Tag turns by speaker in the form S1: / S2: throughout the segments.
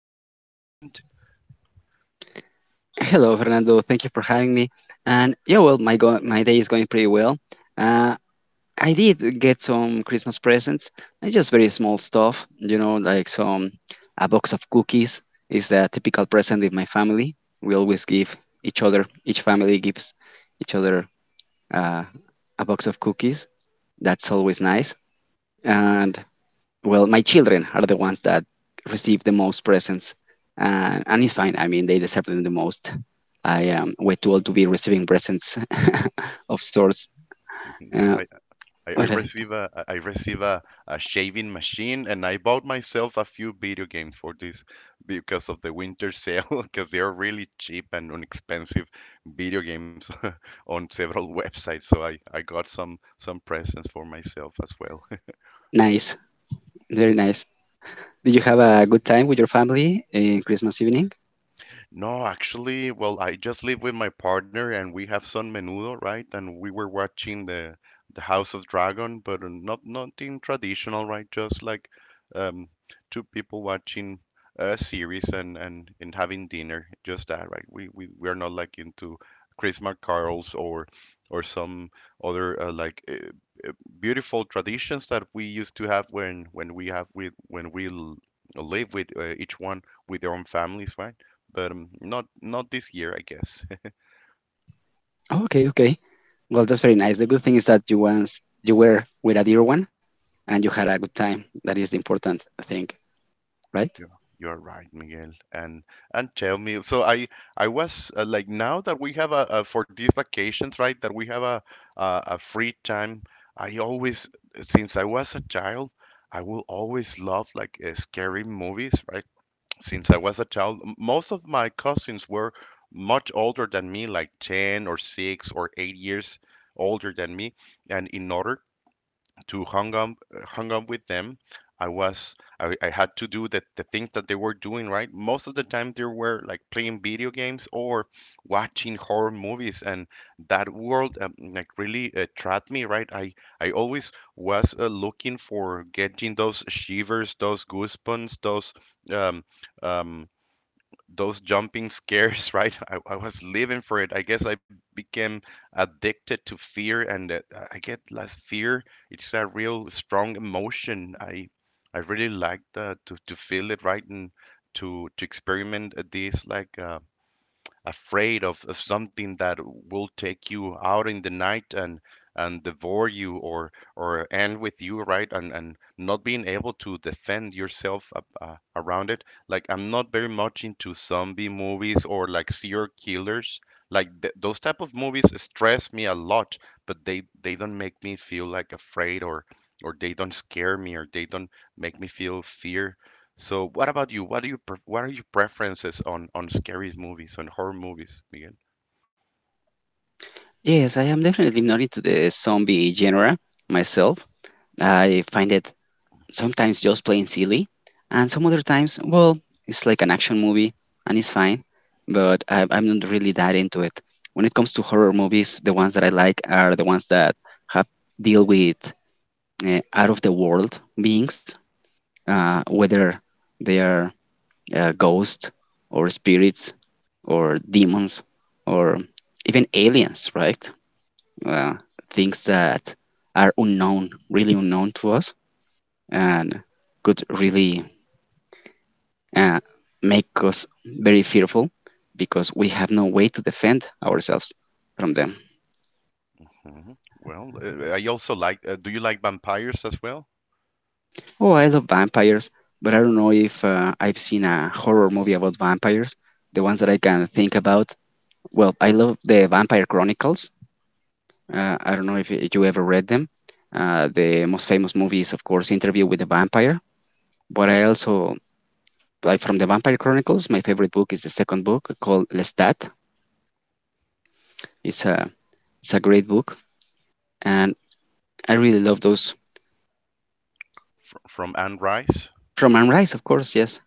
S1: Christmas present?
S2: Hello, Fernando. Thank you for having me. And yeah, well, my day is going pretty well. Uh, I did get some Christmas presents, just very small stuff, you know, like some a box of cookies is the typical present in my family. We always give each family gives each other uh, a box of cookies. That's always nice. And well, my children are the ones that receive the most presents, and it's fine. I mean, they deserve them the most. I am way too old to be receiving presents of sorts.
S1: Yeah,
S2: Uh,
S1: I, I
S2: but
S1: receive a I receive a shaving machine and I bought myself a few video games for this because of the winter sale because they are really cheap and inexpensive video games on several websites, so I got some presents for myself as well.
S2: Nice, very nice. Did you have a good time with your family in Christmas evening?
S1: No, actually, well, I just live with my partner and we have some menudo, right? And we were watching the House of Dragon, but not nothing traditional, right? Just like um, two people watching a series and and having dinner, just that, right? We are not like into Christmas carols or some other uh, beautiful traditions that we used to have when we have with when we l- live with each one with their own families, right? But not not this year, I guess.
S2: Oh, okay, okay. Well, that's very nice. The good thing is that you once you were with a dear one, and you had a good time. That is the important thing, right?
S1: Yeah. You are right, Miguel. And tell me, so I was like, now that we have a for these vacations, right? That we have a free time. I always, since I was a child, I will always love like scary movies, right? Since I was a child, most of my cousins were much older than me, like 10 or 6 or 8 years older than me. And in order to hung up with them, I had to do the things that they were doing, right? Most of the time they were like playing video games or watching horror movies, and that world like really trapped me, right? I always was looking for getting those shivers, those goosebumps, um, um those jumping scares, right? I was living for it. I guess I became addicted to fear, and I get less fear. It's a real strong emotion. I really like that to feel it, right, and to experiment at this like. Afraid of something that will take you out in the night and devour you or end with you, right? And not being able to defend yourself around it. Like, I'm not very much into zombie movies or like serial killers. Like those type of movies stress me a lot, but they don't make me feel like afraid or they don't scare me or they don't make me feel fear. So, what about you? What do you pref what are your preferences on scary movies, on horror movies, Miguel?
S2: Yes, I am definitely not into the zombie genre myself. I find it sometimes just plain silly, and some other times, well, it's like an action movie and it's fine, but I'm not really that into it. When it comes to horror movies, the ones that I like are the ones that have deal with out of the world beings, whether they are ghosts or spirits or demons or even aliens, right? Uh, Things that are unknown, really unknown to us, and could really uh, make us very fearful because we have no way to defend ourselves from them.
S1: Hmm. Well, I also like. Do you like vampires as well?
S2: Oh, I love vampires, but I don't know if I've seen a horror movie about vampires. The ones that I can think about. Well, I love the Vampire Chronicles. I don't know if you ever read them. The most famous movie is, of course, Interview with the Vampire. But I also, like from the Vampire Chronicles, my favorite book is the second book called Lestat. It's a, it's a great book. And I really love those
S1: Fr from Anne Rice.
S2: Roman rice, of course. Yes.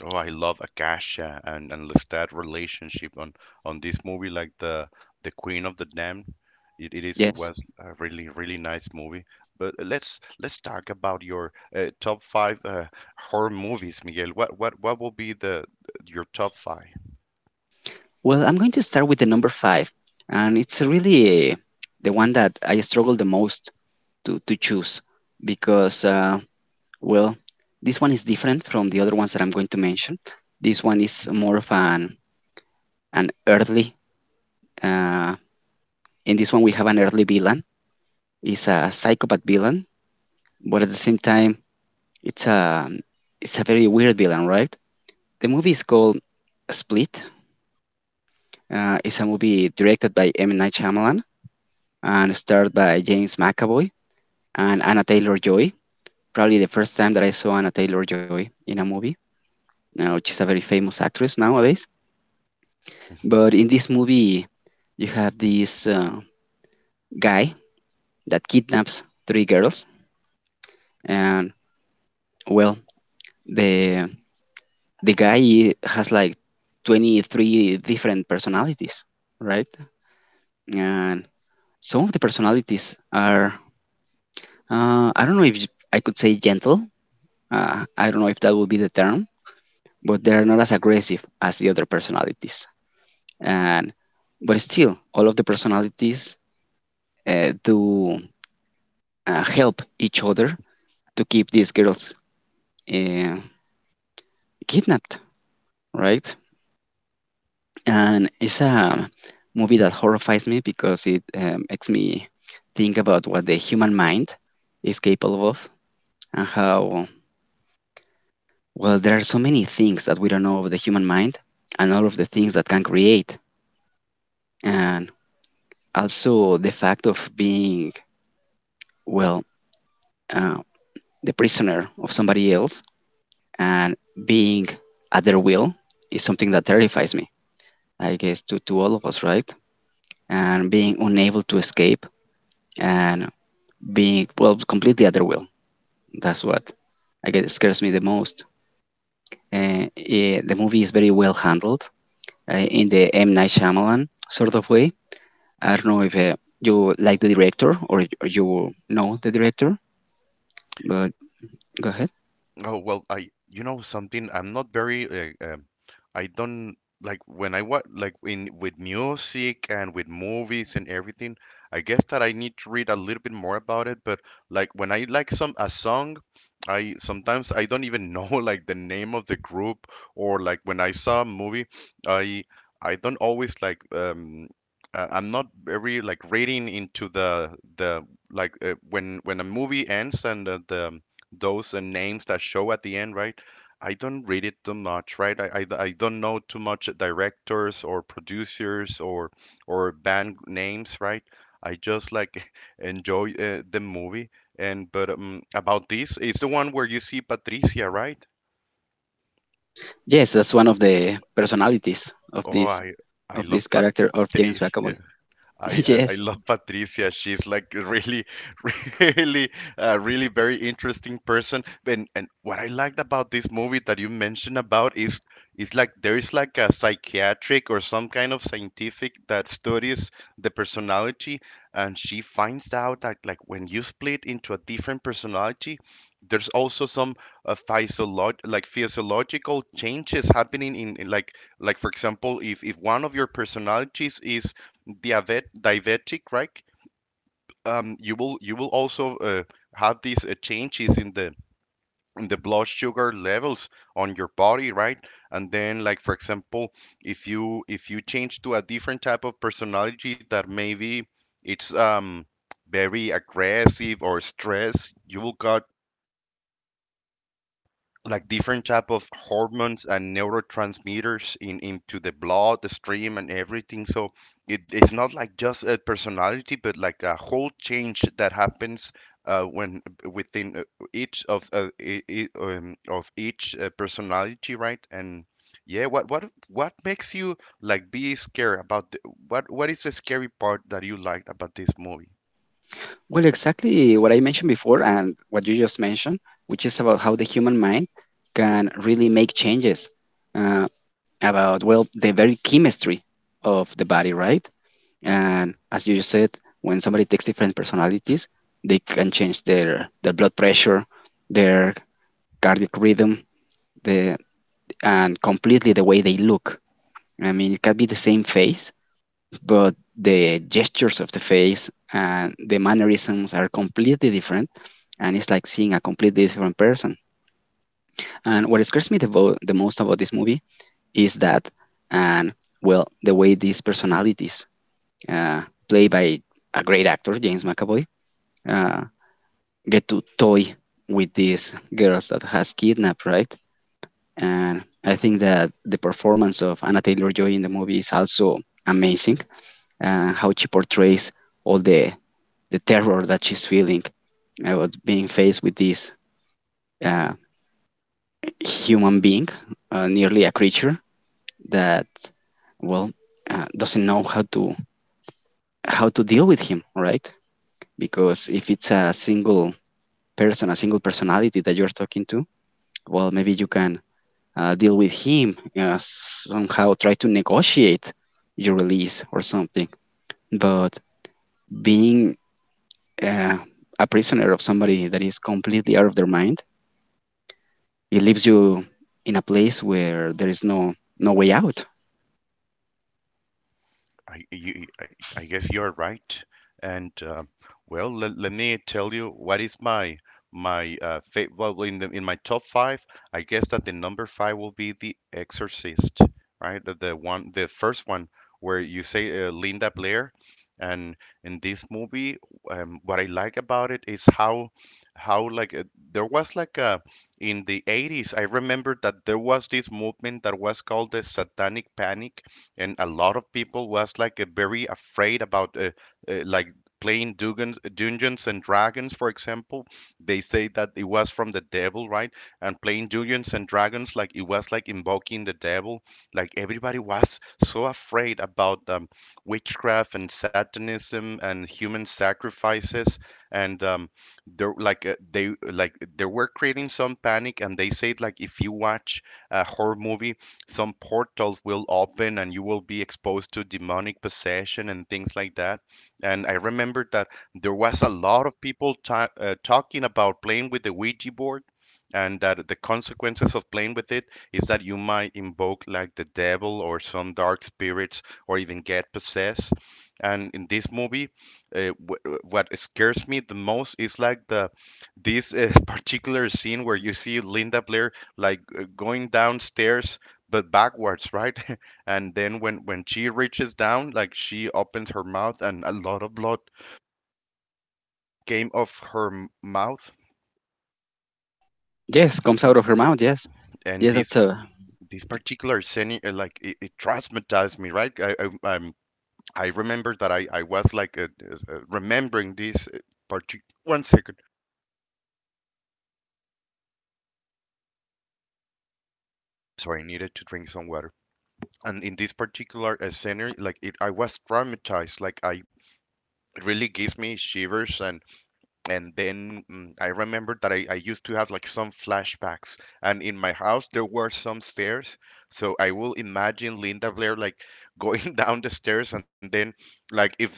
S1: Oh, I love Akasha and Lestat relationship on this movie, like the Queen of the Damned. It is
S2: Yes.
S1: was a really really nice movie. But let's talk about your top five horror movies, Miguel. What will be the your top five?
S2: Well, I'm going to start with the number five, and it's really eh, the one that I struggle the most to choose because, well, this one is different from the other ones that I'm going to mention. This one is more of an early. Uh, in this one, we have an early villain. It's a psychopath villain, but at the same time, it's a it's a very weird villain, right? The movie is called Split. It's a movie directed by M. Night Shyamalan and starred by James McAvoy and Anna Taylor Joy. Probably the first time that I saw Anna Taylor Joy in a movie. Now she's a very famous actress nowadays. But in this movie, you have this guy that kidnaps three girls, and well, the the guy has like 23 different personalities, right? And some of the personalities are I don't know if I could say gentle. I don't know if that would be the term, but they are not as aggressive as the other personalities. And but still, all of the personalities do help each other to keep these girls uh, kidnapped, right? And it's a movie that horrifies me because it makes me think about what the human mind is capable of and how well there are so many things that we don't know of the human mind and all of the things that can create and also the fact of being well uh, the prisoner of somebody else and being at their will is something that terrifies me, I guess, to, all of us, right? And being unable to escape and being, well, completely at their will. That's what I guess scares me the most. The movie is very well handled in the M. Night Shyamalan sort of way. I don't know if you like the director or or you know the director, but go ahead.
S1: Oh, well, I, you know something, I'm not very, uh, um, I don't like when I watch like in with music and with movies and everything. I guess that I need to read a little bit more about it, but like when I like some a song, I sometimes I don't even know like the name of the group or like when I saw a movie, I I don't always like I'm not very like reading into the like when a movie ends and the those names that show at the end, right? I don't read it too much, right? I don't know too much directors or producers or band names, right? I just like enjoy the movie. And but about this, it's the one where you see Patricia, right?
S2: Yes, that's one of the personalities
S1: Oh, I
S2: of
S1: love
S2: this character of James
S1: Patricia.
S2: McAvoy.
S1: I
S2: Yes.
S1: love Patricia. She's like a really, really, really very interesting person. And what I liked about this movie that you mentioned about is like there is like a psychiatric or some kind of scientific that studies the personality, and she finds out that like when you split into a different personality, there's also some physiolog like physiological changes happening in like for example, if one of your personalities is diavet- diabetic, right? You will also have these changes in the blood sugar levels on your body, right? And then, like for example, if you change to a different type of personality that maybe it's very aggressive or stress, you will got like different type of hormones and neurotransmitters in into the blood the stream and everything. So it, it's not like just a personality but like a whole change that happens when within each of of each personality, right? And yeah, what makes you like be scared about the, what is the scary part that you liked about this movie?
S2: Well, exactly what I mentioned before and what you just mentioned, which is about how the human mind can really make changes uh, about, well, the very chemistry of the body, right? And as you just said, when somebody takes different personalities, they can change their blood pressure, their cardiac rhythm, the, and completely the way they look. I mean, it can be the same face, but the gestures of the face and the mannerisms are completely different. And it's like seeing a completely different person. And what scares me the most about this movie is that, and well, the way these personalities, uh, played by a great actor, James McAvoy, uh, get to toy with these girls that has kidnapped, right? And I think that the performance of Anna Taylor Joy in the movie is also amazing, and how she portrays all the terror that she's feeling about being faced with this uh, human being, nearly a creature that well doesn't know how to deal with him, right? Because if it's a single person, a single personality that you're talking to, well, maybe you can deal with him somehow, try to negotiate your release or something. But being uh, a prisoner of somebody that is completely out of their mind, it leaves you in a place where there is no way out.
S1: I, you, I, I guess you're right. And well, let me tell you what is my my fa well, in the in my top five. I guess that the number five will be The Exorcist, right? The one, the first one where you say Linda Blair, and in this movie, what I like about it is how like there was like a in the 80s. I remember that there was this movement that was called the Satanic Panic, and a lot of people was like very afraid about like playing Dugans, Dungeons and Dragons, for example. They say that it was from the devil, right? And playing Dungeons and Dragons, like it was like invoking the devil. Like everybody was so afraid about witchcraft and Satanism and human sacrifices, and there like they were creating some panic, and they said like if you watch a horror movie, some portals will open and you will be exposed to demonic possession and things like that. And I remember that there was a lot of people talking about playing with the Ouija board, and that the consequences of playing with it is that you might invoke like the devil or some dark spirits or even get possessed. And in this movie, what scares me the most is like the this particular scene where you see Linda Blair like going downstairs but backwards, right? And then when she reaches down, like she opens her mouth and a lot of blood came off her mouth.
S2: Yes, comes out of her mouth. Yes,
S1: And
S2: yes, that's
S1: this
S2: a.
S1: this particular scene, like it traumatized me, right? I um I remember that I was like remembering this particular. One second. So I needed to drink some water. And in this particular scenario, like it, I was traumatized. Like I it really gives me shivers and. And then I remember that I used to have like some flashbacks, and in my house there were some stairs. So I will imagine Linda Blair like going down the stairs, and then like if the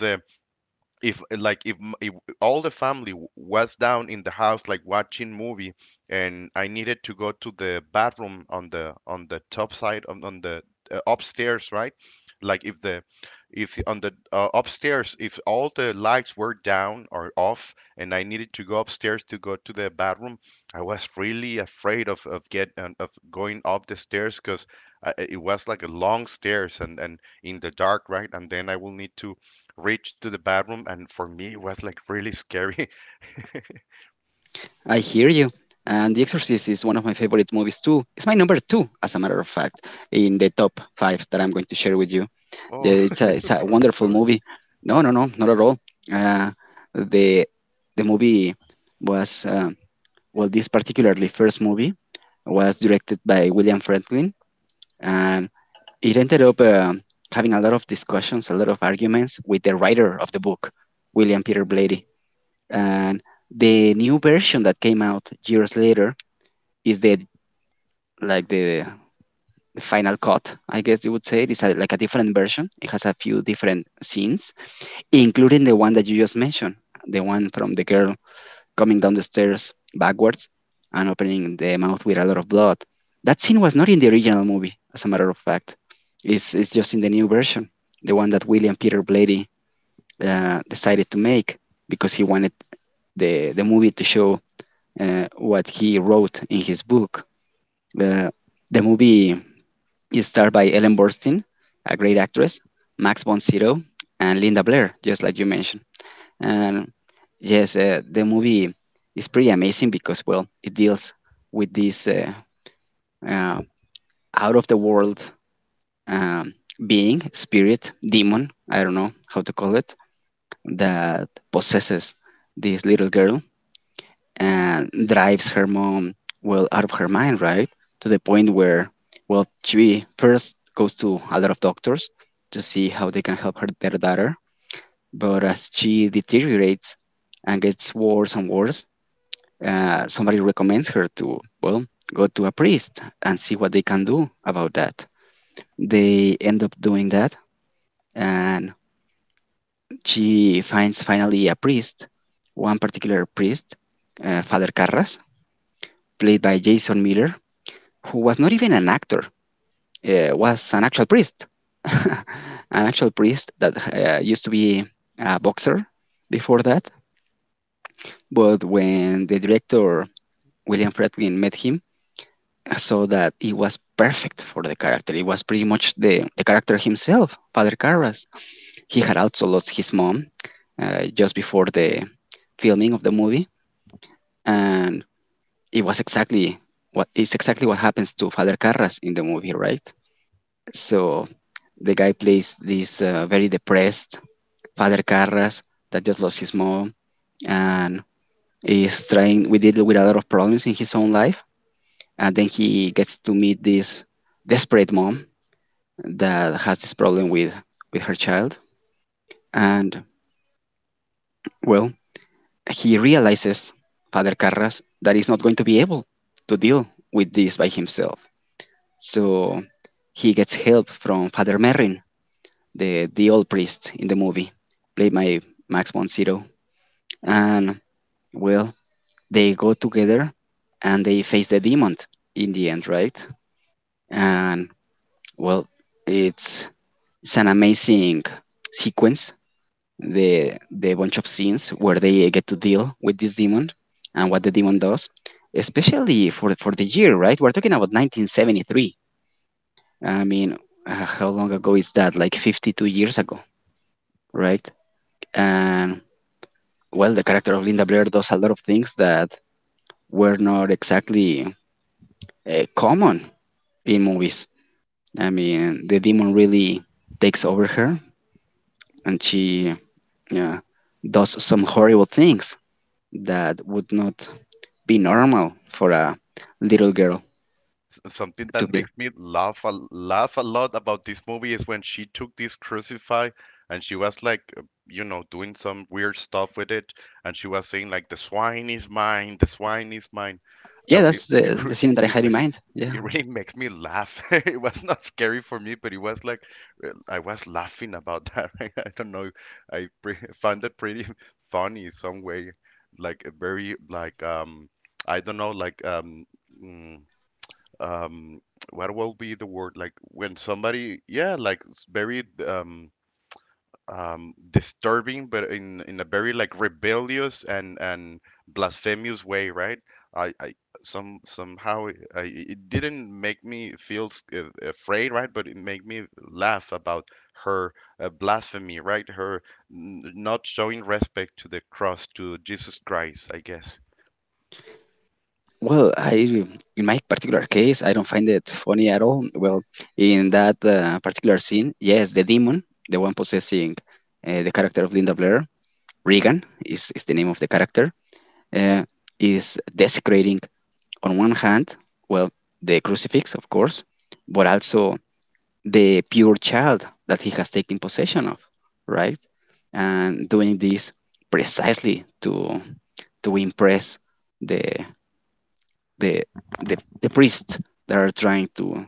S1: if like if, if all the family was down in the house like watching movie and I needed to go to the bathroom on the top side on the upstairs, right? Like if the if on the upstairs if all the lights were down or off and I needed to go upstairs to go to the bathroom, I was really afraid of get of going up the stairs because it was like a long stairs and in the dark, right? And then I will need to reach to the bathroom, and for me it was like really scary.
S2: I hear you. And The Exorcist is one of my favorite movies too. It's my number two, as a matter of fact, in the top five that I'm going to share with you. Yeah,
S1: Oh,
S2: it's a
S1: I'm
S2: wonderful
S1: sorry.
S2: movie. No, no, no, not at all. Uh, the the movie was well, this particularly first movie was directed by William Franklin, and it ended up having a lot of discussions, a lot of arguments with the writer of the book, William Peter Blatty. And the new version that came out years later is the like the final cut, I guess you would say. It is a, like a different version. It has a few different scenes, including the one that you just mentioned, the one from the girl coming down the stairs backwards and opening the mouth with a lot of blood. That scene was not in the original movie, as a matter of fact. It's just in the new version, the one that William Peter Blatty decided to make because he wanted the movie to show what he wrote in his book. Uh, the movie is starred by Ellen Burstyn, a great actress, Max von Sydow, and Linda Blair, just like you mentioned. And yes, the movie is pretty amazing because, well, it deals with this uh, out of the world um, being, spirit, demon, I don't know how to call it, that possesses this little girl and drives her mom, well, out of her mind, right? To the point where, well, she first goes to a lot of doctors to see how they can help her, their daughter. But as she deteriorates and gets worse and worse, somebody recommends her to, well, go to a priest and see what they can do about that. They end up doing that, and she finds finally a priest, one particular priest, Father Carras, played by Jason Miller, who was not even an actor, was an actual priest, an actual priest that used to be a boxer before that. But when the director William Friedkin met him, so that it was perfect for the character. It was pretty much the character himself, Father Carras. He had also lost his mom just before the filming of the movie, and it was exactly what is exactly what happens to Father Carras in the movie, right? So the guy plays this very depressed Father Carras that just lost his mom and is trying we deal with a lot of problems in his own life, and then he gets to meet this desperate mom that has this problem with her child and well he realizes Father Carras that he's not going to be able to deal with this by himself, so he gets help from Father Merrin, the old priest in the movie, played by Max von Sydow. And well, they go together and they face the demon in the end, right? And well, it's it's an amazing sequence, the bunch of scenes where they get to deal with this demon and what the demon does, especially for the year, right? We're talking about 1973. I mean, how long ago is that? Like 52 years ago, right? And well, the character of Linda Blair does a lot of things that were not exactly common in movies. I mean, the demon really takes over her, and she uh, does some horrible things that would not be normal for a little girl
S1: Something that
S2: to be.
S1: makes me laugh laugh a lot about this movie is when she took this crucify and she was like, you know, doing some weird stuff with it, and she was saying like, "The swine is mine, the swine is mine."
S2: Yeah,
S1: I, it,
S2: that's the,
S1: it, re-
S2: the scene that I
S1: it
S2: had in mind. Yeah.
S1: it really makes me laugh. It was not scary for me, but it was like I was laughing about that. I don't know. I pre found it pretty funny some way, like a very like I don't know like um mm, um what will be the word like when somebody yeah like it's very disturbing, but in a very like rebellious and blasphemous way, right? I Somehow it didn't make me feel afraid, right? But it made me laugh about her blasphemy, right? Her not showing respect to the cross, to Jesus Christ, I guess.
S2: Well, I in my particular case, I don't find it funny at all. Well, in that particular scene, yes, the demon, the one possessing the character of Linda Blair, Regan is the name of the character, uh, is desecrating on one hand, well, the crucifix, of course, but also the pure child that he has taken possession of, right? And doing this precisely to impress the the the priests that are trying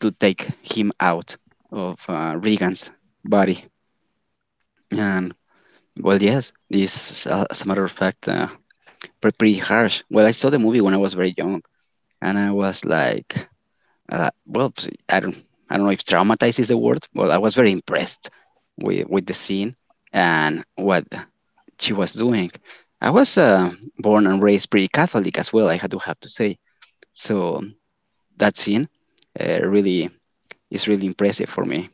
S2: to take him out of Regan's body. And well, yes, this is, as a matter of fact, pretty harsh. Well, I saw the movie when I was very young, and I was like well, I do not I don't, I don't know if traumatized is the word. Well, I was very impressed with the scene and what she was doing. I was born and raised pretty Catholic as well. I had to have to say. So that scene really is really impressive for me.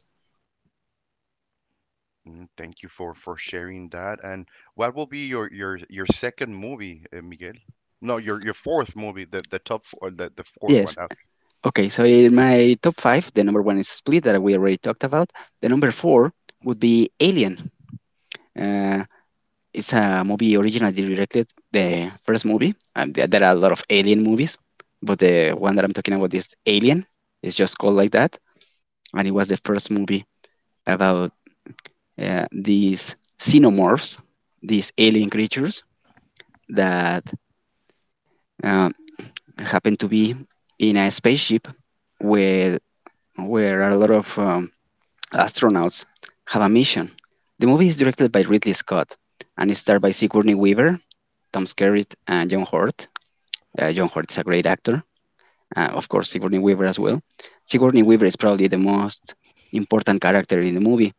S1: Mm. Thank you for sharing that. And what will be your your second movie, Miguel? No, your fourth movie, the top four, the fourth one.
S2: Yes. Okay. So in my top five, the number one is Split that we already talked about. The number four would be Alien. Uh, It's a movie originally directed the first movie. And there are a lot of alien movies, but the one that I'm talking about is Alien. It's just called like that, and it was the first movie about these xenomorphs, these alien creatures that uh, happen to be in a spaceship where where a lot of astronauts have a mission. The movie is directed by Ridley Scott and is starred by Sigourney Weaver, Tom Skerritt, and John Hurt. John Hurt is a great actor. Of course, Sigourney Weaver as well. Sigourney Weaver is probably the most important character in the movie.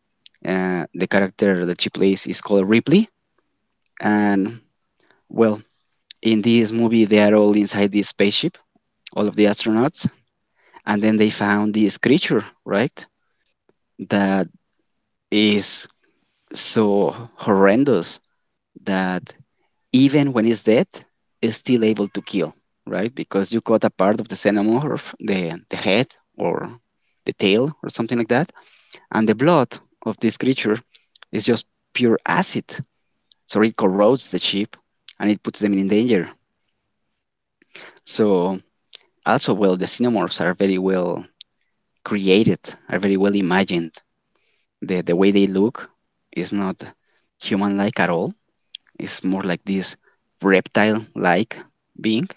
S2: The character that she plays is called Ripley. And well, in this movie, they are all inside this spaceship, all of the astronauts. And then they found this creature, right? That is so horrendous that even when it's dead, it's still able to kill, right? Because you cut a part of the xenomorph, the head or the tail or something like that, and the blood of this creature is just pure acid. So it corrodes the ship and it puts them in danger. So also, well, the xenomorphs are very well created, are very well imagined. The way they look is not human-like at all. It's more like this reptile-like being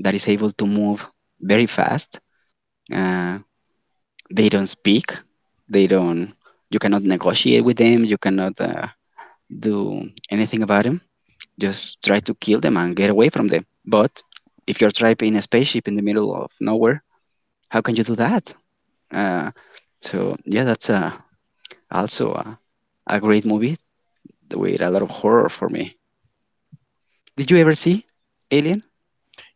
S2: that is able to move very fast. Uh, they don't speak. They don't. You cannot negotiate with them. You cannot do anything about them. Just try to kill them and get away from them. But if you're trapped in a spaceship in the middle of nowhere, how can you do that? Uh, so yeah, that's also a great movie with a lot of horror for me. Did you ever see Alien?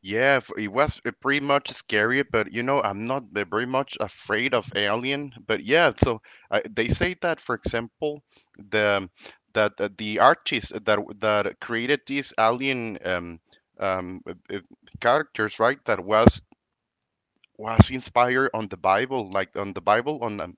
S1: Yeah, it was pretty much scary, but you know, I'm not very much afraid of alien. But yeah, so they say that, for example, the the artists that that created these alien um, uh, uh, characters, right? That was inspired on the Bible, like on the Bible,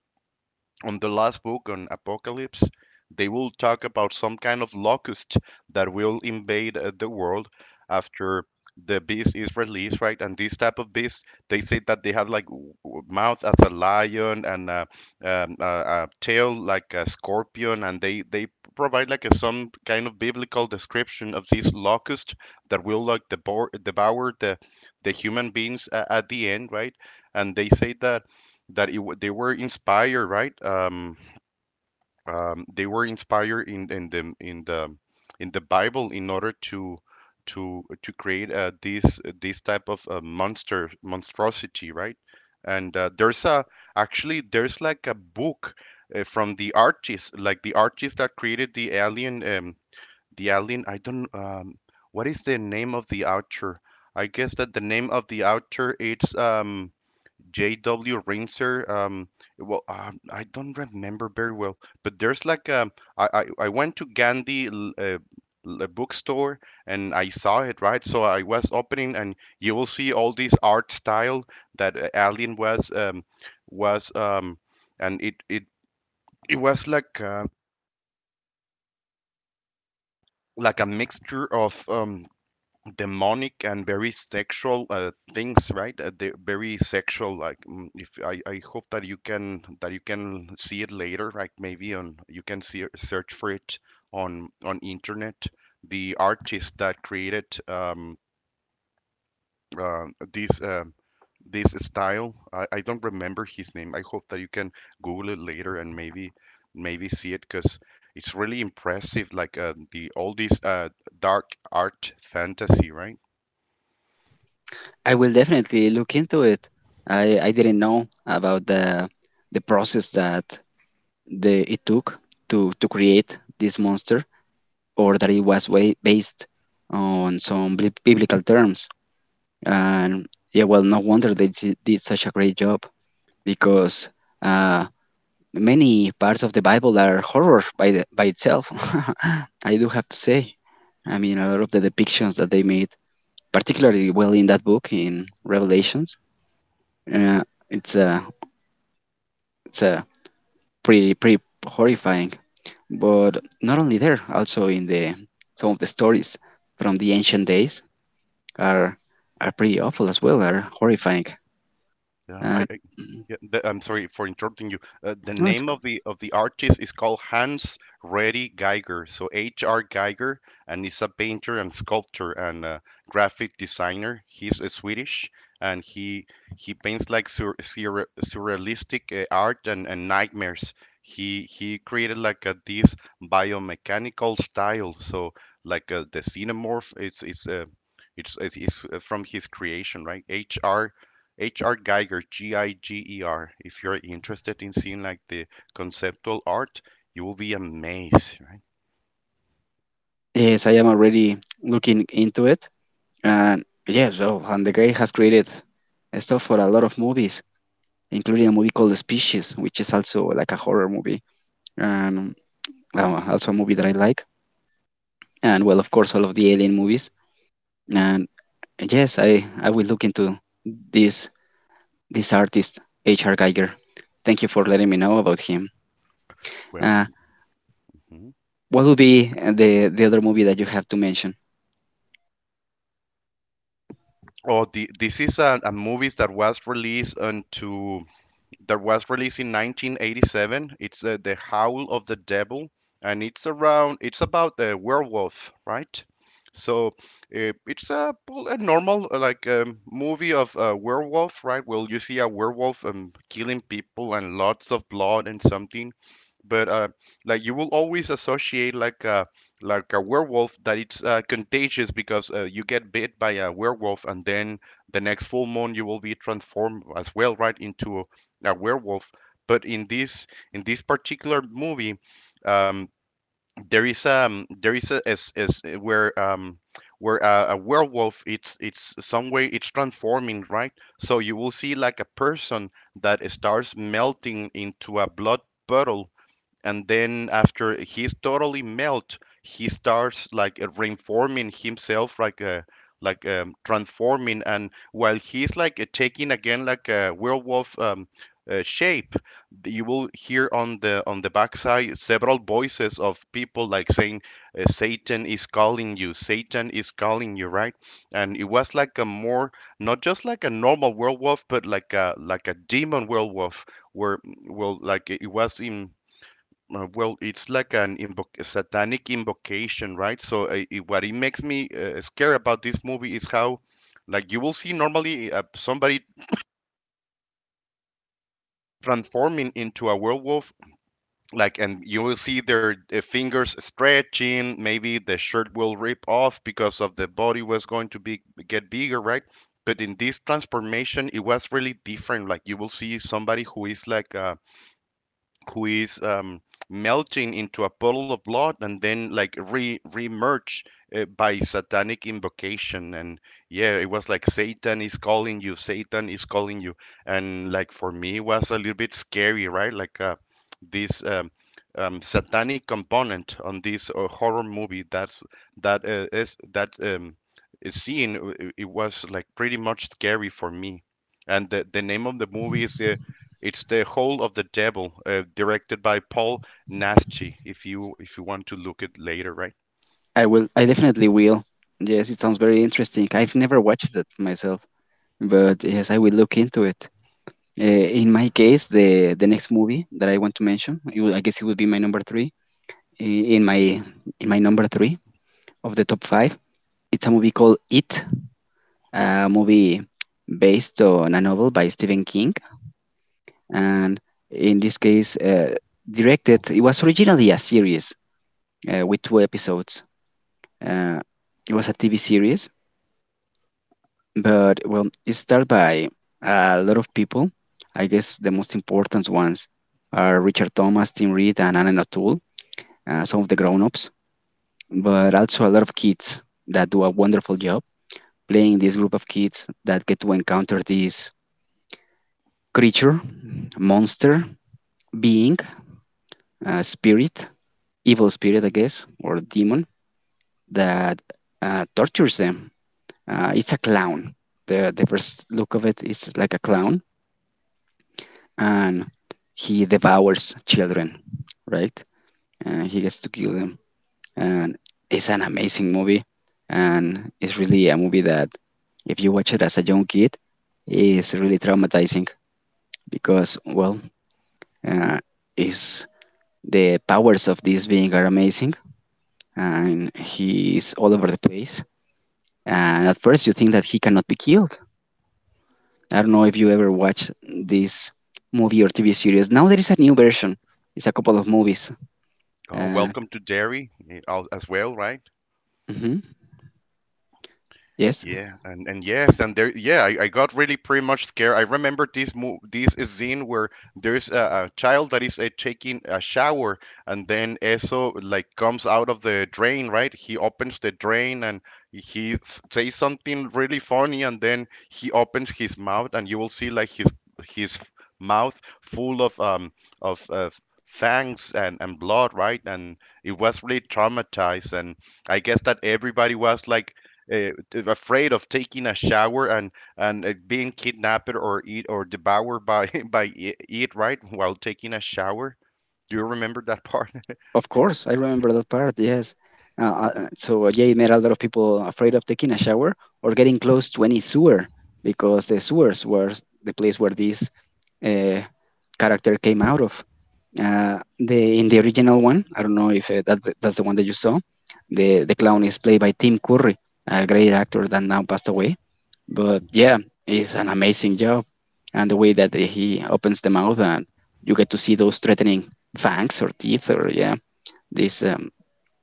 S1: on the last book on Apocalypse. They will talk about some kind of locust that will invade the world after the beast is released, right? And this type of beast, they say that they have like mouth as a lion and a tail like a scorpion, and they provide like some kind of biblical description of this locust that will like devour the human beings at the end, right? And they say that they were inspired, right? They were inspired in the in the Bible in order to to create this type of monster monstrosity, right? And there's a actually there's like a book from the artist, like the artist that created the alien, the alien. I don't what is the name of the author? I guess that the name of the author it's J.W. Rimser. I don't remember very well, but there's like I went to Gandhi bookstore and I saw it right. So I was opening, and you will see all this art style that Alien was was um, and it was like a mixture of demonic and very sexual things right they very sexual like mm, if I hope that you can see it later like maybe on you can see search for it on internet the artist that created uh, this this style I don't remember his name. I hope that you can google it later and maybe see it because it's really impressive like the all this dark art fantasy right.
S2: I will definitely look into it. I didn't know about the process that the it took to create this monster, or that it was way based on some biblical terms. And yeah, well, no wonder they did such a great job because uh, many parts of the Bible are horror by itself. I do have to say. I mean, a lot of the depictions that they made, particularly well in that book in Revelations, uh, it's a it's a pretty horrifying. But not only there, also in the some of the stories from the ancient days are are pretty awful as well, are horrifying.
S1: Yeah,
S2: And
S1: I
S2: mm,
S1: yeah, I'm sorry for interrupting you. The
S2: no, it's
S1: name
S2: okay.
S1: of the artist is called Hans Reddy Geiger, so H.R. Geiger, and he's a painter and sculptor and graphic designer. He's Swedish, and he paints like surrealistic art and nightmares. He created like this biomechanical style, so like the xenomorph. It's from his creation, right? H.R. Geiger, Giger. G I G E R. If you're interested in seeing like the conceptual art, you will be amazed, right?
S2: Yes, I am already looking into it. And yes, oh, and the guy has created stuff for a lot of movies, including a movie called The Species, which is also like a horror movie, and also a movie that I like. And well, of course, all of the alien movies. And yes, I will look into this this artist, H.R. Geiger. Thank you for letting me know about him.
S1: Well,
S2: Uh,
S1: mhm.
S2: what would be the other movie that you have to mention?
S1: Oh, this is a movie that was released in 1987. It's The Howl of the Devil, and it's around it's about the werewolf, right? So it's a, well, a normal movie of a werewolf, right? Well, you see a werewolf killing people and lots of blood and something, but like you will always associate like a werewolf that it's contagious because you get bit by a werewolf and then the next full moon you will be transformed as well, right, into a werewolf. But in this particular movie, um, there is a as where a werewolf it's some way it's transforming right so you will see like a person that starts melting into a blood puddle and then after he's totally melt he starts like reforming himself like transforming and while he's like taking again like a werewolf shape you will hear on the backside several voices of people like saying satan is calling you satan is calling you right and it was like a more not just like a normal werewolf but like a demon werewolf where mm, well like it was in well, it's like an satanic invocation, right? So, what it makes me scared about this movie is how, like, you will see normally somebody transforming into a werewolf, like, and you will see their fingers stretching. Maybe the shirt will rip off because of the body was going to be get bigger, right? But in this transformation, it was really different. Like, you will see somebody who is like who is melting into a puddle of blood and then like re remerge by satanic invocation and yeah it was like satan is calling you satan is calling you and like for me it was a little bit scary right like this satanic component on this horror movie that's that is that scene it was like pretty much scary for me. And the name of the movie is it's the Hole of the Devil, directed by Paul Naschy. If you want to look it later, right?
S2: I will. I definitely will. Yes, it sounds very interesting. I've never watched it myself, but yes, I will look into it. Uh, in my case, the next movie that I want to mention, it would, I guess it would be my number three. In my in my number three of the top five, it's a movie called It, a movie based on a novel by Stephen King. And in this case, directed it was originally a series with two episodes, uh, it was a TV series, but well it's started by a lot of people. I guess the most important ones are Richard Thomas, Tim Reed, and Alan O'Toole, some of the grown-ups, but also a lot of kids that do a wonderful job playing this group of kids that get to encounter this creature, monster, being, spirit evil spirit, I guess, or demon that tortures them. It's a clown. The first look of it is like a clown, and he devours children, right? And he gets to kill them. And it's an amazing movie, and it's really a movie that, if you watch it as a young kid, is really traumatizing because, well, uh, is the powers of this being are amazing, and he is all over the place. And at first, you think that he cannot be killed. I don't know if you ever watched this movie or TV series. Now there is a new version. It's a couple of movies.
S1: Oh,
S2: Uh,
S1: welcome to Derry eh, as well, right?
S2: mhm, Yes,
S1: Yeah, and yes, and there, yeah, I got really pretty much scared. I remember this mo this scene where there's a child that is taking a shower, and then Eso like comes out of the drain, right? He opens the drain and he says something really funny, and then he opens his mouth, and you will see like his his f- mouth full of of uh, fangs and blood, right? And it was really traumatized, and I guess that everybody was like uh, afraid of taking a shower and being kidnapped or eat or devoured by by it right while taking a shower. Do you remember that part?
S2: of course. I remember that part. Yes. Uh, yeah, it made a lot of people afraid of taking a shower or getting close to any sewer because the sewers were the place where this uh, character came out of. The in the original one, I don't know if that that's the one that you saw. The clown is played by Tim Curry, a great actor that now passed away. But yeah, it's an amazing job. And the way that he opens the mouth and you get to see those threatening fangs or teeth or yeah, this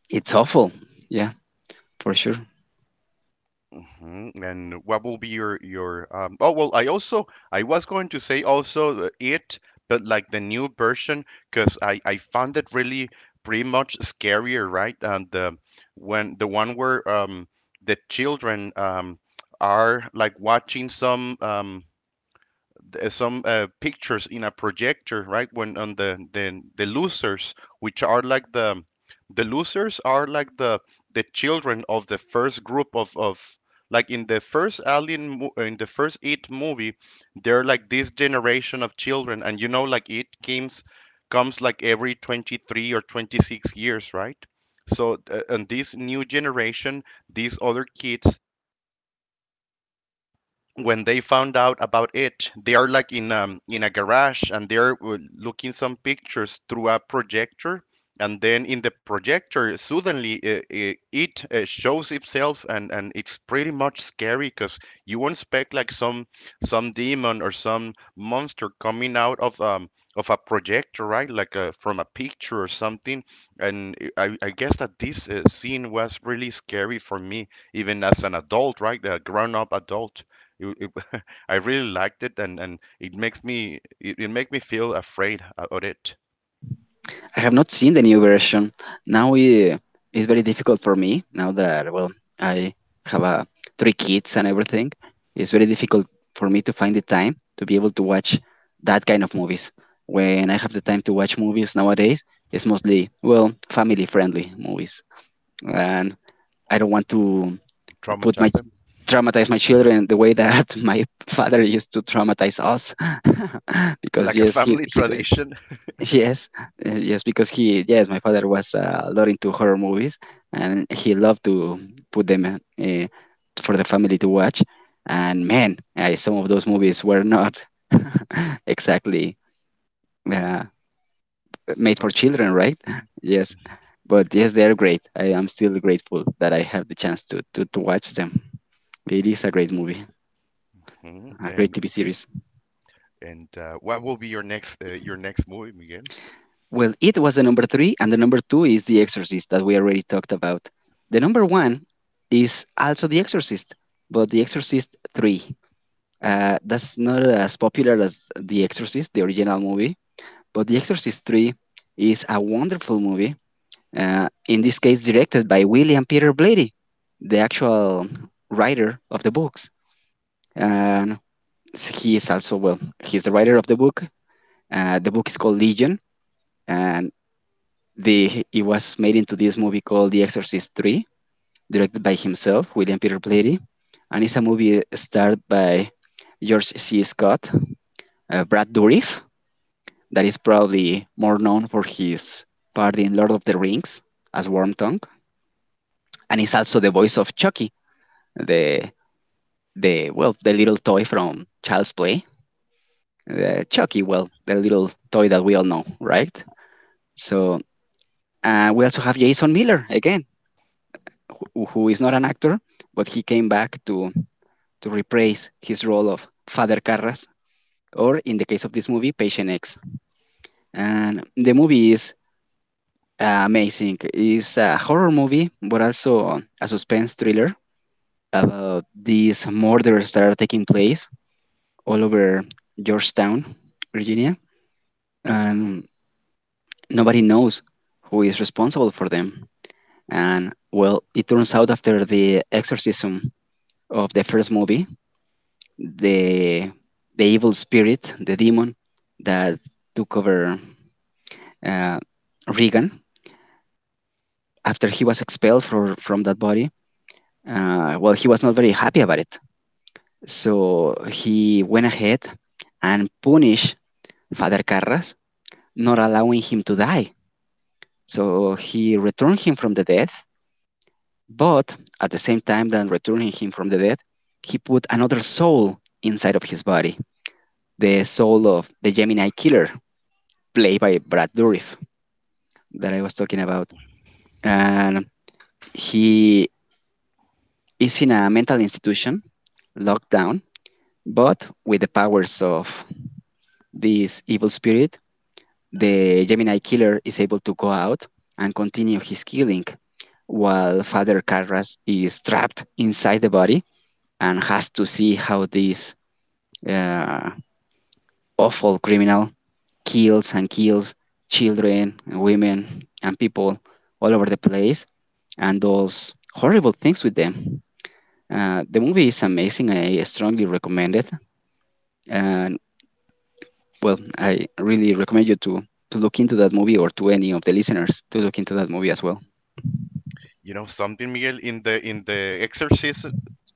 S2: it's awful. Yeah, for sure.
S1: Hmm. And what will be your oh well I also I was going to say also the it but like the new version because I found it really pretty much scarier right and the when the one where the children are like watching some pictures in a projector, right? When on the losers, which are like the losers are like the children of the first group of like in the first alien in the first it movie they're like this generation of children and you know like it comes comes like every 23 or 26 years right so and this new generation these other kids when they found out about it, they are like in a garage and they're looking some pictures through a projector. And then in the projector, suddenly it shows itself, and it's pretty much scary because you won't expect like some demon or some monster coming out of a projector, right? Like from a picture or something. And I guess that this scene was really scary for me, even as an adult, right? A grown-up adult. It, it, I really liked it, and it makes me it make me feel afraid about it.
S2: I have not seen the new version. Now it, it's very difficult for me now that well I have three kids and everything. It's very difficult for me to find the time to be able to watch that kind of movies. When I have the time to watch movies nowadays, it's mostly well family friendly movies, and I don't want to
S1: It
S2: put
S1: traumatized
S2: my
S1: them
S2: traumatize my children the way that my father used to traumatize us because
S1: like a
S2: yes
S1: family
S2: he did-
S1: tradition.
S2: yes yes because he yes my father was lot into horror movies, and he loved to put them for the family to watch. And man, I, some of those movies were not exactly uh, made for children, right? Yes, but yes, they're great. I am still grateful that I have the chance to to watch them. Okay, It is a great movie,
S1: Mhm.
S2: a great
S1: And
S2: TV series.
S1: what will be your next movie, Miguel?
S2: Well, it was the number three, and the number two is The Exorcist that we already talked about. The number one is also The Exorcist, but The Exorcist 3. That's not as popular as The Exorcist, the original movie, but The Exorcist 3 is a wonderful movie. In this case, directed by William Peter Blatty, the actual writer of the books. And he is also, well, he's the writer of the book. The book is called Legion, and the it was made into this movie called The Exorcist 3, directed by himself, William Peter Blatty, and it's a movie starred by George C. Scott, Brad Dourif, that is probably more known for his part in Lord of the Rings as Wormtongue, and he's also the voice of Chucky, the the well the little toy from Child's Play, Chucky, well the little toy that we all know, right? So we also have Jason Miller again, who is not an actor, but he came back to reprise his role of Father Carras, or in the case of this movie, Patient X. And the movie is amazing. It's a horror movie, but also a suspense thriller about these murders that are taking place all over Georgetown, Virginia, and nobody knows who is responsible for them. And well, it turns out after the exorcism of the first movie, the the evil spirit, the demon that took over uh, Regan after he was expelled for, from that body. Well, he was not very happy about it, so he went ahead and punished Father Carras, not allowing him to die. So he returned him from the death, but at the same time than returning him from the death, he put another soul inside of his body, the soul of the Gemini Killer, played by Brad Dourif. That I was talking about. And he is in a mental institution, locked down, but with the powers of this evil spirit, the Gemini killer is able to go out and continue his killing while Father Carras is trapped inside the body and has to see how this uh, awful criminal kills and kills children, and women, and people all over the place and does horrible things with them. The movie is amazing. I strongly recommend it. And well, I really recommend to look into that movie or to any of the listeners to look into that movie as well.
S1: You know something, Miguel, in the in the Exorcist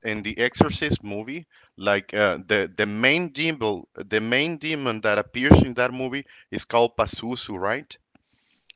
S1: in the Exorcist movie, like the main demon that appears in that movie is called Pazuzu, right?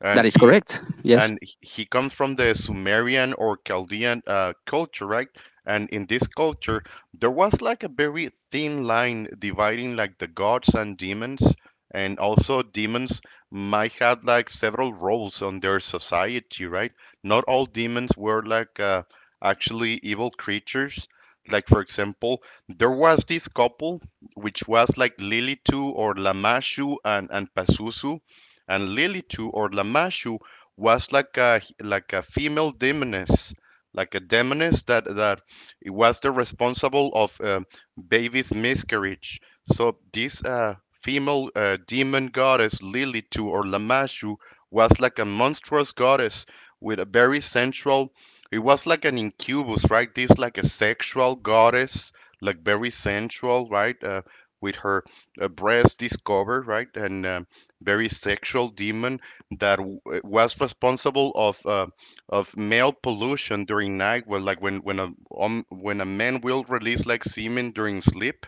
S1: And
S2: That is correct. Yes.
S1: he comes from the Sumerian or Chaldean culture, right? And in this culture, there was like a very thin line dividing like the gods and demons, and also demons might have like several roles on their society, right? Not all demons were like actually evil creatures. Like for example, there was this couple which was like Lilitu or Lamashu and Pazuzu, and Lilitu or Lamashu was like a female demoness, like a demoness that it was the responsible of baby's miscarriage. So this female demon goddess Lilitu or Lamashu was like a monstrous goddess with a very sensual. It was like an incubus, right? This like a sexual goddess, like very sensual, right? With her breast discovered, right? And very sexual demon that was responsible of male pollution during night, where like when a when a man will release like semen during sleep,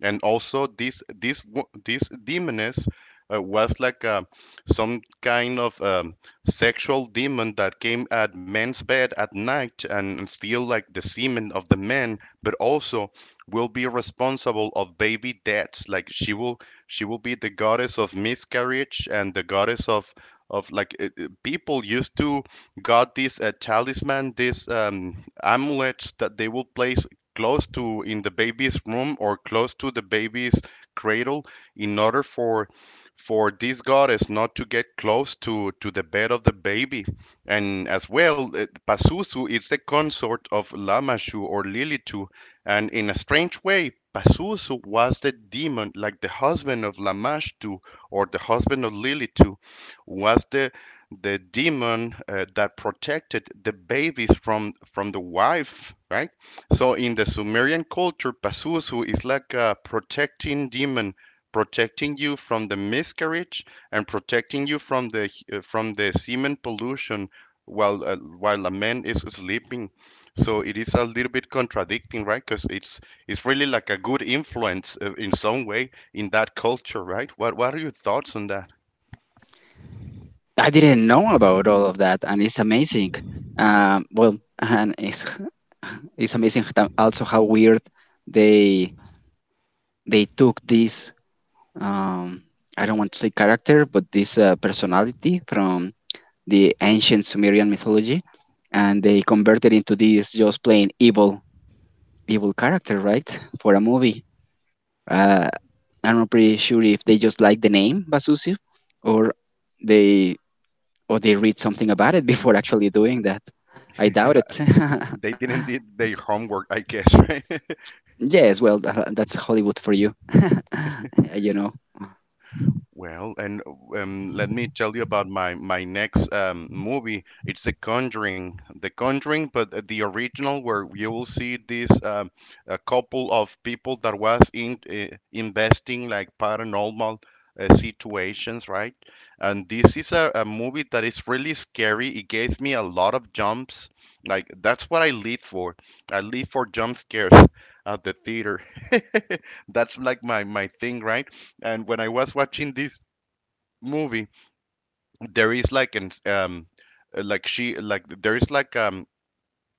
S1: and also this this demoness was like some kind of sexual demon that came at men's bed at night and steal like the semen of the men, but also will be responsible of baby deaths. Like she will be the goddess of miscarriage and the goddess of like people used to got this talisman, this amulets that they would place close to in the baby's room or close to the baby's cradle in order for this goddess not to get close to the bed of the baby. And as well, Pazuzu is the consort of Lamashu or Lilitu, and in a strange way, Pazuzu was the demon, like the husband of Lamashtu or the husband of Lilitu was the demon that protected the babies from the wife, right? So in the Sumerian culture, Pazuzu is like a protecting demon, protecting you from the miscarriage and protecting you from the semen pollution while a man is sleeping. So it is a little bit contradicting, right? Because it's really like a good influence in some way in that culture, right? What are your thoughts on that?
S2: I didn't know about all of that, and it's amazing. Well, it's amazing also how weird they they took this. Um, I don't want to say character, but this personality from the ancient Sumerian mythology, and they converted into this just plain evil character, right? For a movie. Uh, I'm not pretty sure if they just like the name Basusi or they or they read something about it before actually doing that. I doubt it.
S1: They didn't did their homework, I guess, right?
S2: Yes, well, that's Hollywood for you. You know.
S1: Well, and let me tell you about my my next movie. It's The Conjuring, The Conjuring, but the original where you will see this a couple of people that was in investing like paranormal situations, right? And this is a movie that is really scary. It gave me a lot of jumps. Like that's what I live for. I live for jump scares at the theater. That's like my thing, right? And when I was watching this movie, there is like an like she like there is like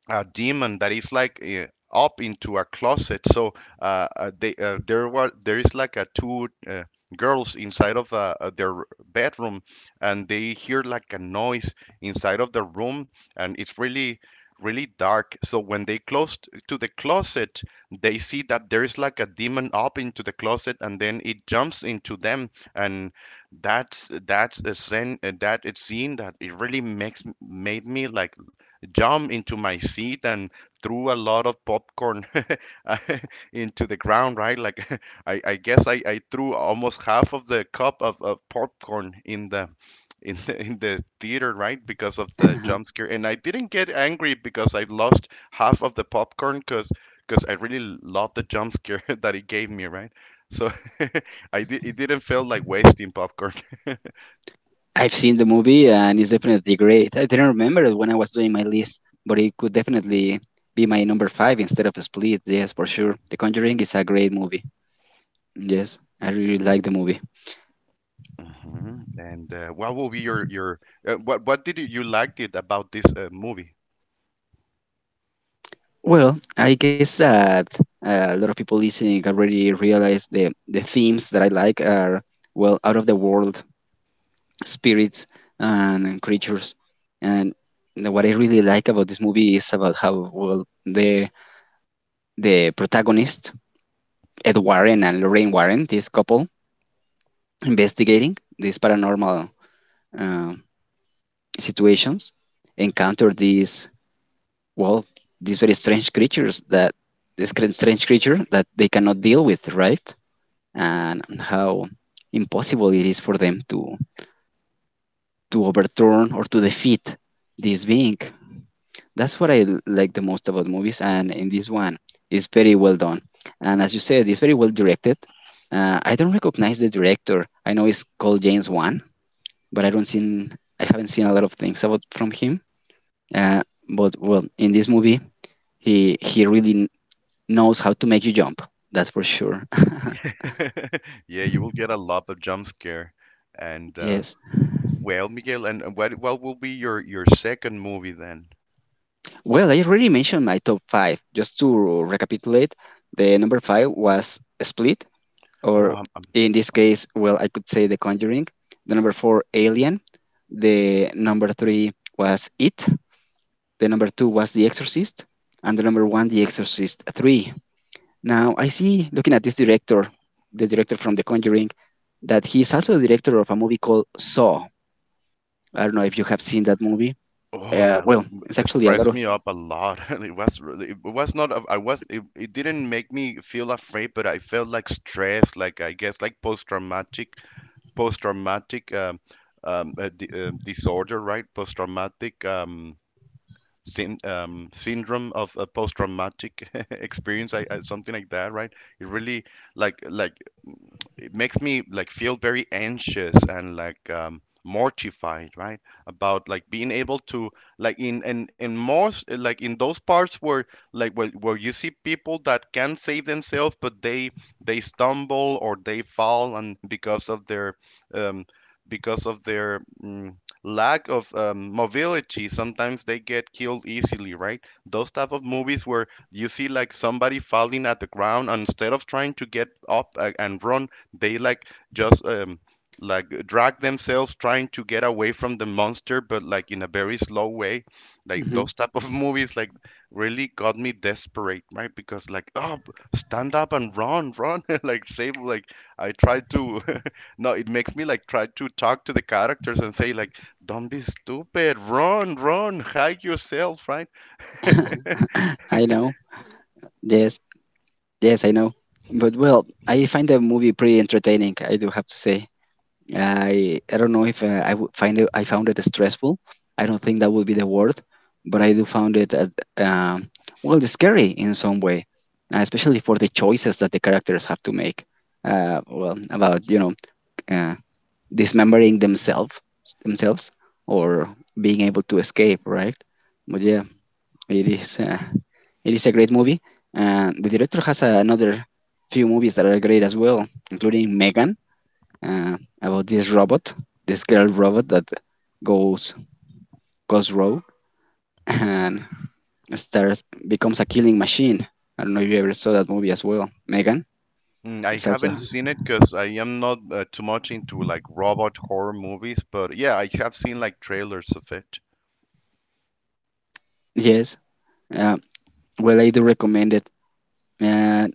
S1: a demon that is like up into a closet. So they there were there is like a two girls inside of their bedroom, and they hear like a noise inside of the room, and it's really really dark. So when they close to the closet, they see that there is like a demon up into the closet, and then it jumps into them, and that's a scene that it really makes made me like jumped into my seat and threw a lot of popcorn into the ground, right? Like I guess I threw almost half of the cup of popcorn in the in the, in the theater, right? Because of the jump scare. And I didn't get angry because I lost half of the popcorn because I really loved the jump scare that it gave me, right? So it didn't feel like wasting popcorn.
S2: I've seen the movie and it's definitely great. I didn't remember it when I was doing my list, but it could definitely be my number five instead of Split. Yes, for sure. The Conjuring is a great movie. Yes, I really like the movie.
S1: Hmm And what will be your what did you, you liked it about this movie?
S2: Well, I guess that a lot of people listening already realize the themes that I like are well out of the world spirits and creatures, and what I really like about this movie is about how well the protagonist Ed Warren and Lorraine Warren, this couple investigating these paranormal uh, situations, encounter these well these very strange creatures that this strange creature that they cannot deal with, right? And how impossible it is for them to overturn or to defeat this being. That's what I like the most about movies, and in this one, it's very well done. And as you said, it's very well directed. I don't recognize the director. I know it's called James Wan, but I haven't seen a lot of things about from him. Uh, but well, in this movie, he really knows how to make you jump. That's for sure.
S1: Yeah, you will get a lot of jump scare. And
S2: Yes.
S1: well, Miguel, and what will be your second movie then?
S2: Well, I already mentioned my top five. Just to recapitulate, the number five was Split,
S1: Oh,
S2: or in this case, well, I could say The Conjuring. The number four, Alien. The number three was It. The number two was The Exorcist. And the number one, The Exorcist 3. Now, I see, looking at this director, the director from The Conjuring, that he's also the director of a movie called Saw. I don't know if you have seen that movie.
S1: oh, that
S2: Well, it's
S1: it
S2: actually a lot
S1: stressed
S2: of.
S1: me up a lot. It was really, it was not. I was. It didn't make me feel afraid, but I felt like stressed, like I guess like post-traumatic, post-traumatic disorder, right? Post-traumatic. Syndrome of a post-traumatic experience, something like that, right? It really like like it makes me like feel very anxious and like mortified, right, about like being able to like in most like in those parts where like where you see people that can save themselves but they stumble or they fall and um because of their lack of mobility. Sometimes they get killed easily, right, those type of movies where you see like somebody falling at the ground and instead of trying to get up and run they like just like drag themselves trying to get away from the monster, but like in a very slow way. Like
S2: Mhm.
S1: those type of movies, like really got me desperate, right? Because like, oh, stand up and run, run, like save. Like I try to, no, it makes me like try to talk to the characters and say like, don't be stupid, run, run, hide yourself, right?
S2: I know. Yes. Yes, I know. But well, I find the movie pretty entertaining. I do have to say. I don't know if I would find it. I found it stressful. I don't think that would be the word, but I do found it as, um, well scary in some way, especially for the choices that the characters have to make. Well, about you know uh, dismembering themselves or being able to escape, right? But yeah, it is. It is a great movie. The director has another few movies that are great as well, including Megan, about this robot, this girl robot that goes goes rogue and starts becomes a killing machine. I don't know if you ever saw that movie as well. Megan,
S1: Mm, I
S2: is also
S1: haven't seen it because I am not too much into like robot horror movies, but yeah, I have seen like trailers of it.
S2: yes. Uh, well, I do recommend it. Uh,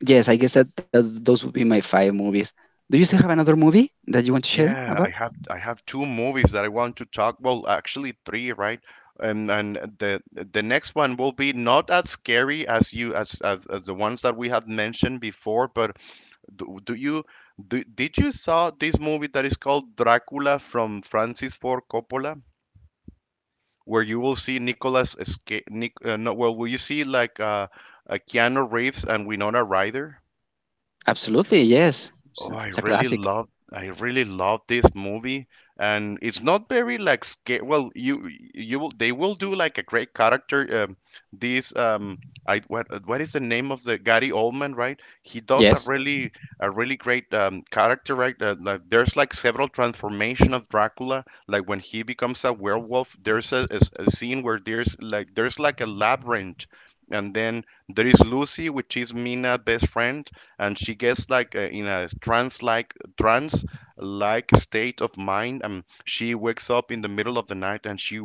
S2: yes, I guess that those would be my five movies. Do you still have another movie that you want to share
S1: Yeah,
S2: about?
S1: I have two movies that I want to talk. Well, actually three, right? And the next one will be not as scary as you as the ones that we had mentioned before. But do you did you saw this movie that is called Dracula from Francis Ford Coppola? Where you will see Nicolas, Esca- Nic- no, well, will you see like Keanu Reeves and Winona Ryder?
S2: Absolutely, yes.
S1: Oh,
S2: It's a classic.
S1: I really love this movie and it's not very like scary. Well, you will they will do like a great character this I what is the name of the Gary Oldman, right? He does
S2: Yes.
S1: a really great character, right? Like there's like several transformation of Dracula. Like when he becomes a werewolf, there's a scene where there's like a labyrinth, and then there is Lucy, which is Mina's best friend, and she gets like in a trance, trance like state of mind, and she wakes up in the middle of the night and she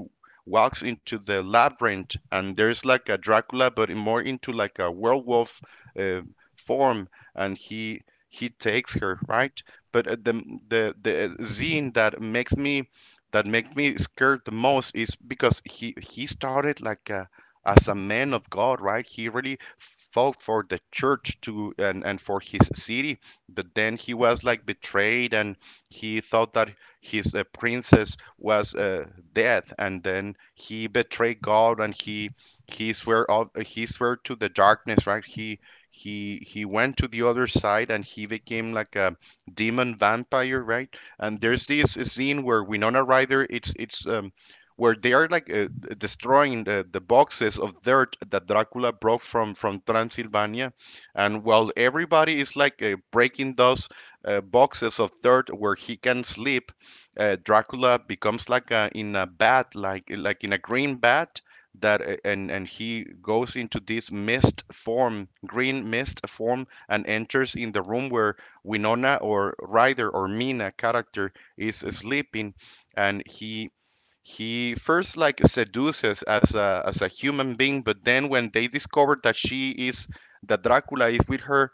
S1: walks into the labyrinth, and there's like a Dracula but more into like a werewolf uh, form, and he takes her, right? But the the scene that makes me that make me scared the most is because he started like as a man of God, right? He really fought for the church to and for his city, but then he was like betrayed and he thought that his princess was dead, and then he betrayed God, and he swear of he swear to the darkness, right? He he went to the other side and he became like a demon vampire, right? And there's this scene where Winona Ryder, it's it's where they are like destroying the boxes of dirt that Dracula brought from Transylvania, and while everybody is like breaking those boxes of dirt where he can sleep, Dracula becomes like a, in a bat, like in a green bat that and he goes into this mist form, green mist form, and enters in the room where Winona or Ryder or Mina character is sleeping, and he first like seduces as a human being, but then when they discover that she is that Dracula is with her,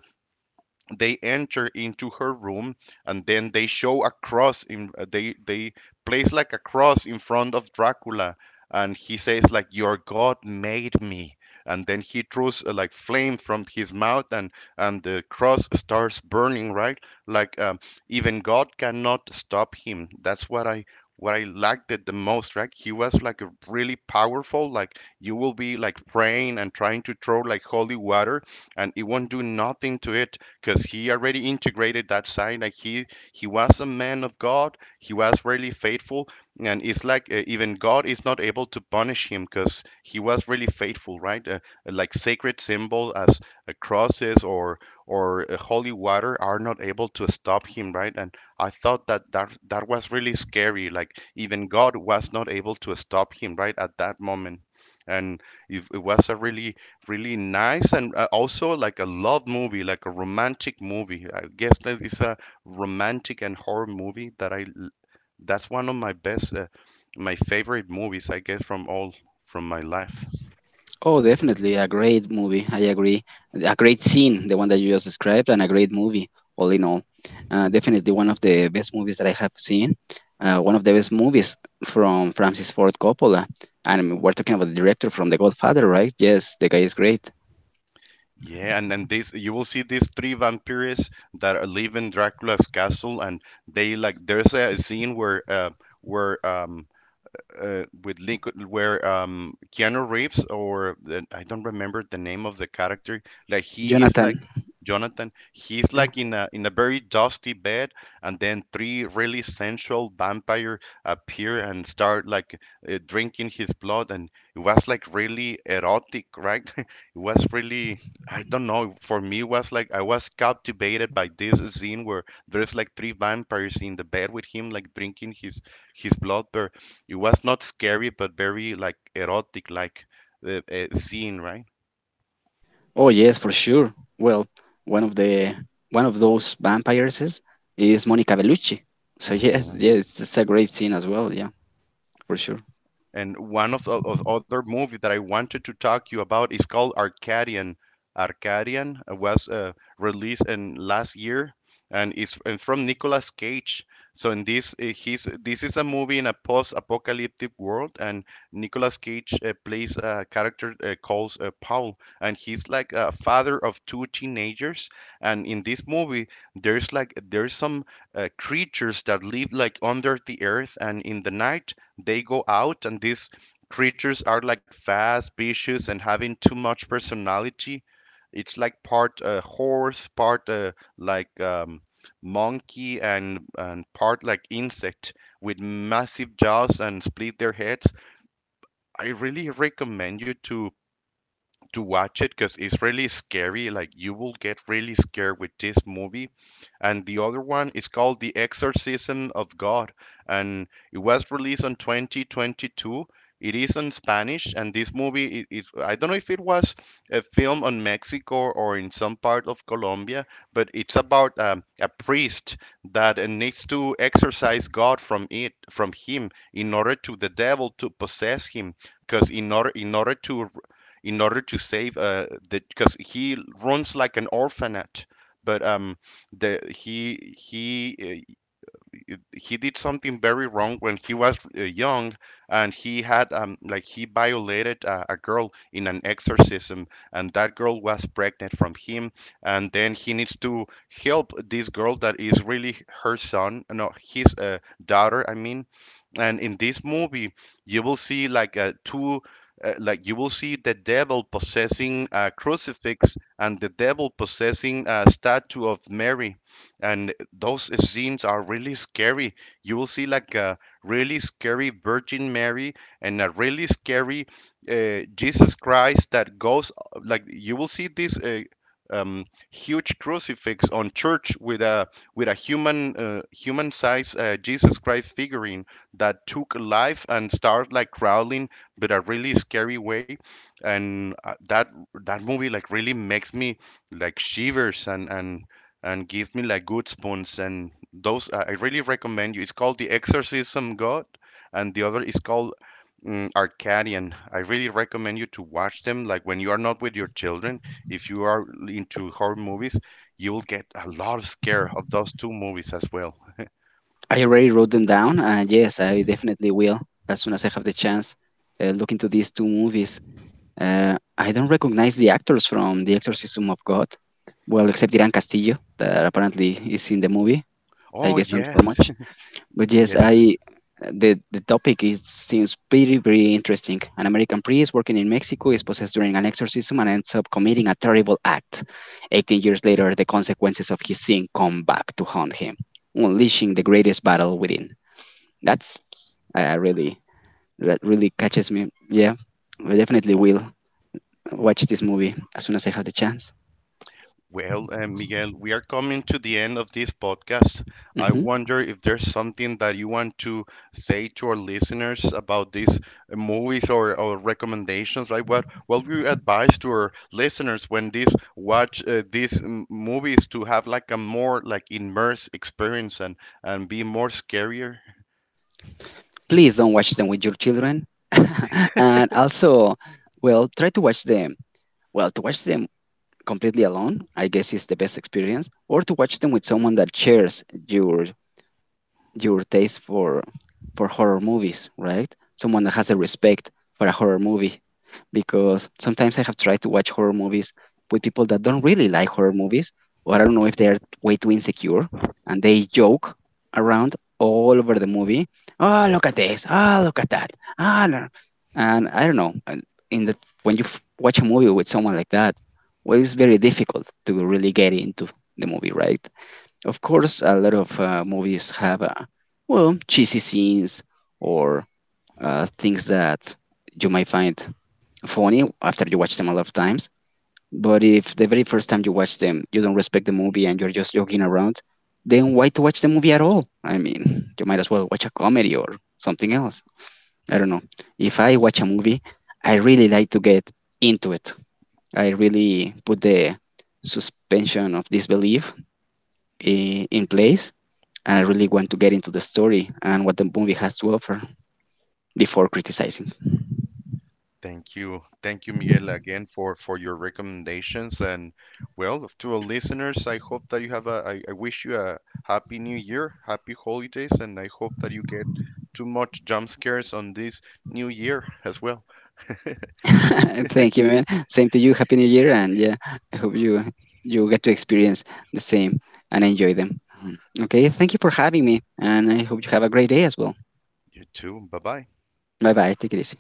S1: they enter into her room, and then they show a cross in they place like a cross in front of Dracula, and he says like your god made me, and then he throws like flame from his mouth, and the cross starts burning, right? Like even God cannot stop him. That's what I what I liked it the most, right? He was like a really powerful, like you will be like praying and trying to throw like holy water and it won't do nothing to it because he already integrated that side. Like he was a man of God. He was really faithful, and it's like even God is not able to punish him because he was really faithful, right? Like sacred symbol as crosses or holy water are not able to stop him, right? And I thought that that was really scary. Like even God was not able to stop him, right, at that moment. And it was a really really nice and also like a love movie, like a romantic movie. I guess that is a romantic and horror movie that that's one of my best, my favorite movies, I guess, from all from my life.
S2: Oh, definitely a great movie. I agree. A great scene, the one that you just described, and a great movie, all in all. Definitely one of the best movies that I have seen. One of the best movies from Francis Ford Coppola. And we're talking about the director from The Godfather, right? Yes, the guy is great.
S1: Yeah, and then this you will see these three vampires that are live in Dracula's castle, and they like there's a scene where with Lincoln, where Keanu Reeves or the, I don't remember the name of the character, like he is
S2: Jonathan.
S1: like Jonathan. He's
S2: Yeah.
S1: like in a very dusty bed, and then three really sensual vampire appear and start like drinking his blood, and it was like really erotic, right? It was really I don't know. For me, it was like I was captivated by this scene where there's like three vampires in the bed with him, like drinking his blood, but it was not scary, but very like erotic, like scene, right?
S2: Oh, yes, for sure. Well, one of the one of those vampires is Monica Bellucci. So yes,
S1: Mhm.
S2: yes, it's a great scene as well. Yeah, for sure.
S1: And one of the of other movie that I wanted to talk to you about is called Arcadian. Arcadian was released in last year and is and from Nicolas Cage. So in this he's this is a movie in a post-apocalyptic world, and Nicolas Cage plays a character called Paul, and he's like a father of two teenagers. And in this movie there's some creatures that live like under the earth, and in the night they go out, and these creatures are like fast, vicious, and having too much personality. It's like part horse, part like um, monkey, and part like insect with massive jaws and split their heads. I really recommend you to watch it because it's really scary. Like you will get really scared with this movie. And the other one is called The Exorcism of God, and it was released on 2022. It is in Spanish, and this movie, I don't know if it was a film on Mexico or in some part of Colombia, but it's about a priest that needs to exorcise God from it, from him, in order to the devil to possess him, because in order to save the because he runs like an orphanage. But the he He did something very wrong when he was young, and he had he violated a girl in an exorcism, and that girl was pregnant from him. And then he needs to help this girl that is really her son, no, his daughter, I mean. And in this movie, you will see like you will see the devil possessing a crucifix and the devil possessing a statue of Mary. And those scenes are really scary. You will see like a really scary Virgin Mary and a really scary Jesus Christ that goes like you will see this. Um, Huge crucifix on church with a with a human size Jesus Christ figurine that took life and started like growling, but a really scary way. And that movie like really makes me like shivers, and give me like goosebumps. And those I really recommend you. It's called The Exorcism God, and the other is called Arcadian. I really recommend you to watch them. Like when you are not with your children, if you are into horror movies, you will get a lot of scare of those two movies as well.
S2: I already wrote them down, and yes, I definitely will as soon as I have the chance. Look into these two movies. I don't recognize the actors from The Exorcism of God. Well, except Iran Castillo, that apparently is in the movie. I
S1: Oh
S2: guess not
S1: yes.
S2: for much. But yes, I the topic is seems pretty very interesting. An American priest working in Mexico is possessed during an exorcism and ends up committing a terrible act. 18 years later, the consequences of his sin come back to haunt him, unleashing the greatest battle within. That's I really that really catches me. Yeah, I definitely will watch this movie as soon as I have the chance.
S1: Well, Miguel, we are coming to the end of this podcast. I
S2: Hmm.
S1: wonder if there's something that you want to say to our listeners about these movies, or recommendations, right? What would you advise to our listeners when these watch movies to have like a more like immersive experience and be more scarier?
S2: Please don't watch them with your children, and also, well, try to watch them. Well, to watch them completely alone, I guess is the best experience, or to watch them with someone that shares your taste for horror movies, right? Someone that has a respect for a horror movie, because sometimes I have tried to watch horror movies with people that don't really like horror movies, or I don't know if they are way too insecure, and they joke around all over the movie. Oh, look at this! Ah, look at that! Ah, no. And I don't know. And in the when you watch a movie with someone like that, well, it's very difficult to really get into the movie, right? Of course, a lot of movies have, well, cheesy scenes or things that you might find funny after you watch them a lot of times. But if the very first time you watch them, you don't respect the movie and you're just joking around, then why to watch the movie at all? I mean, you might as well watch a comedy or something else. I don't know. If I watch a movie, I really like to get into it. I really put the suspension of disbelief in place and I really want to get into the story and what the movie has to offer before criticizing.
S1: Thank you. Thank you, Miguel, again for your recommendations. And well, to our listeners, I hope that you have a, I wish you a happy new year, happy holidays, and I hope that you get too much jump scares on this new year as well.
S2: Thank you, man. Same to you. Happy New Year, and yeah, I hope you you get to experience the same and enjoy them. Mhm. Okay, thank you for having me, and I hope you have a great day as well.
S1: You too. Bye bye.
S2: Bye bye. Take it easy.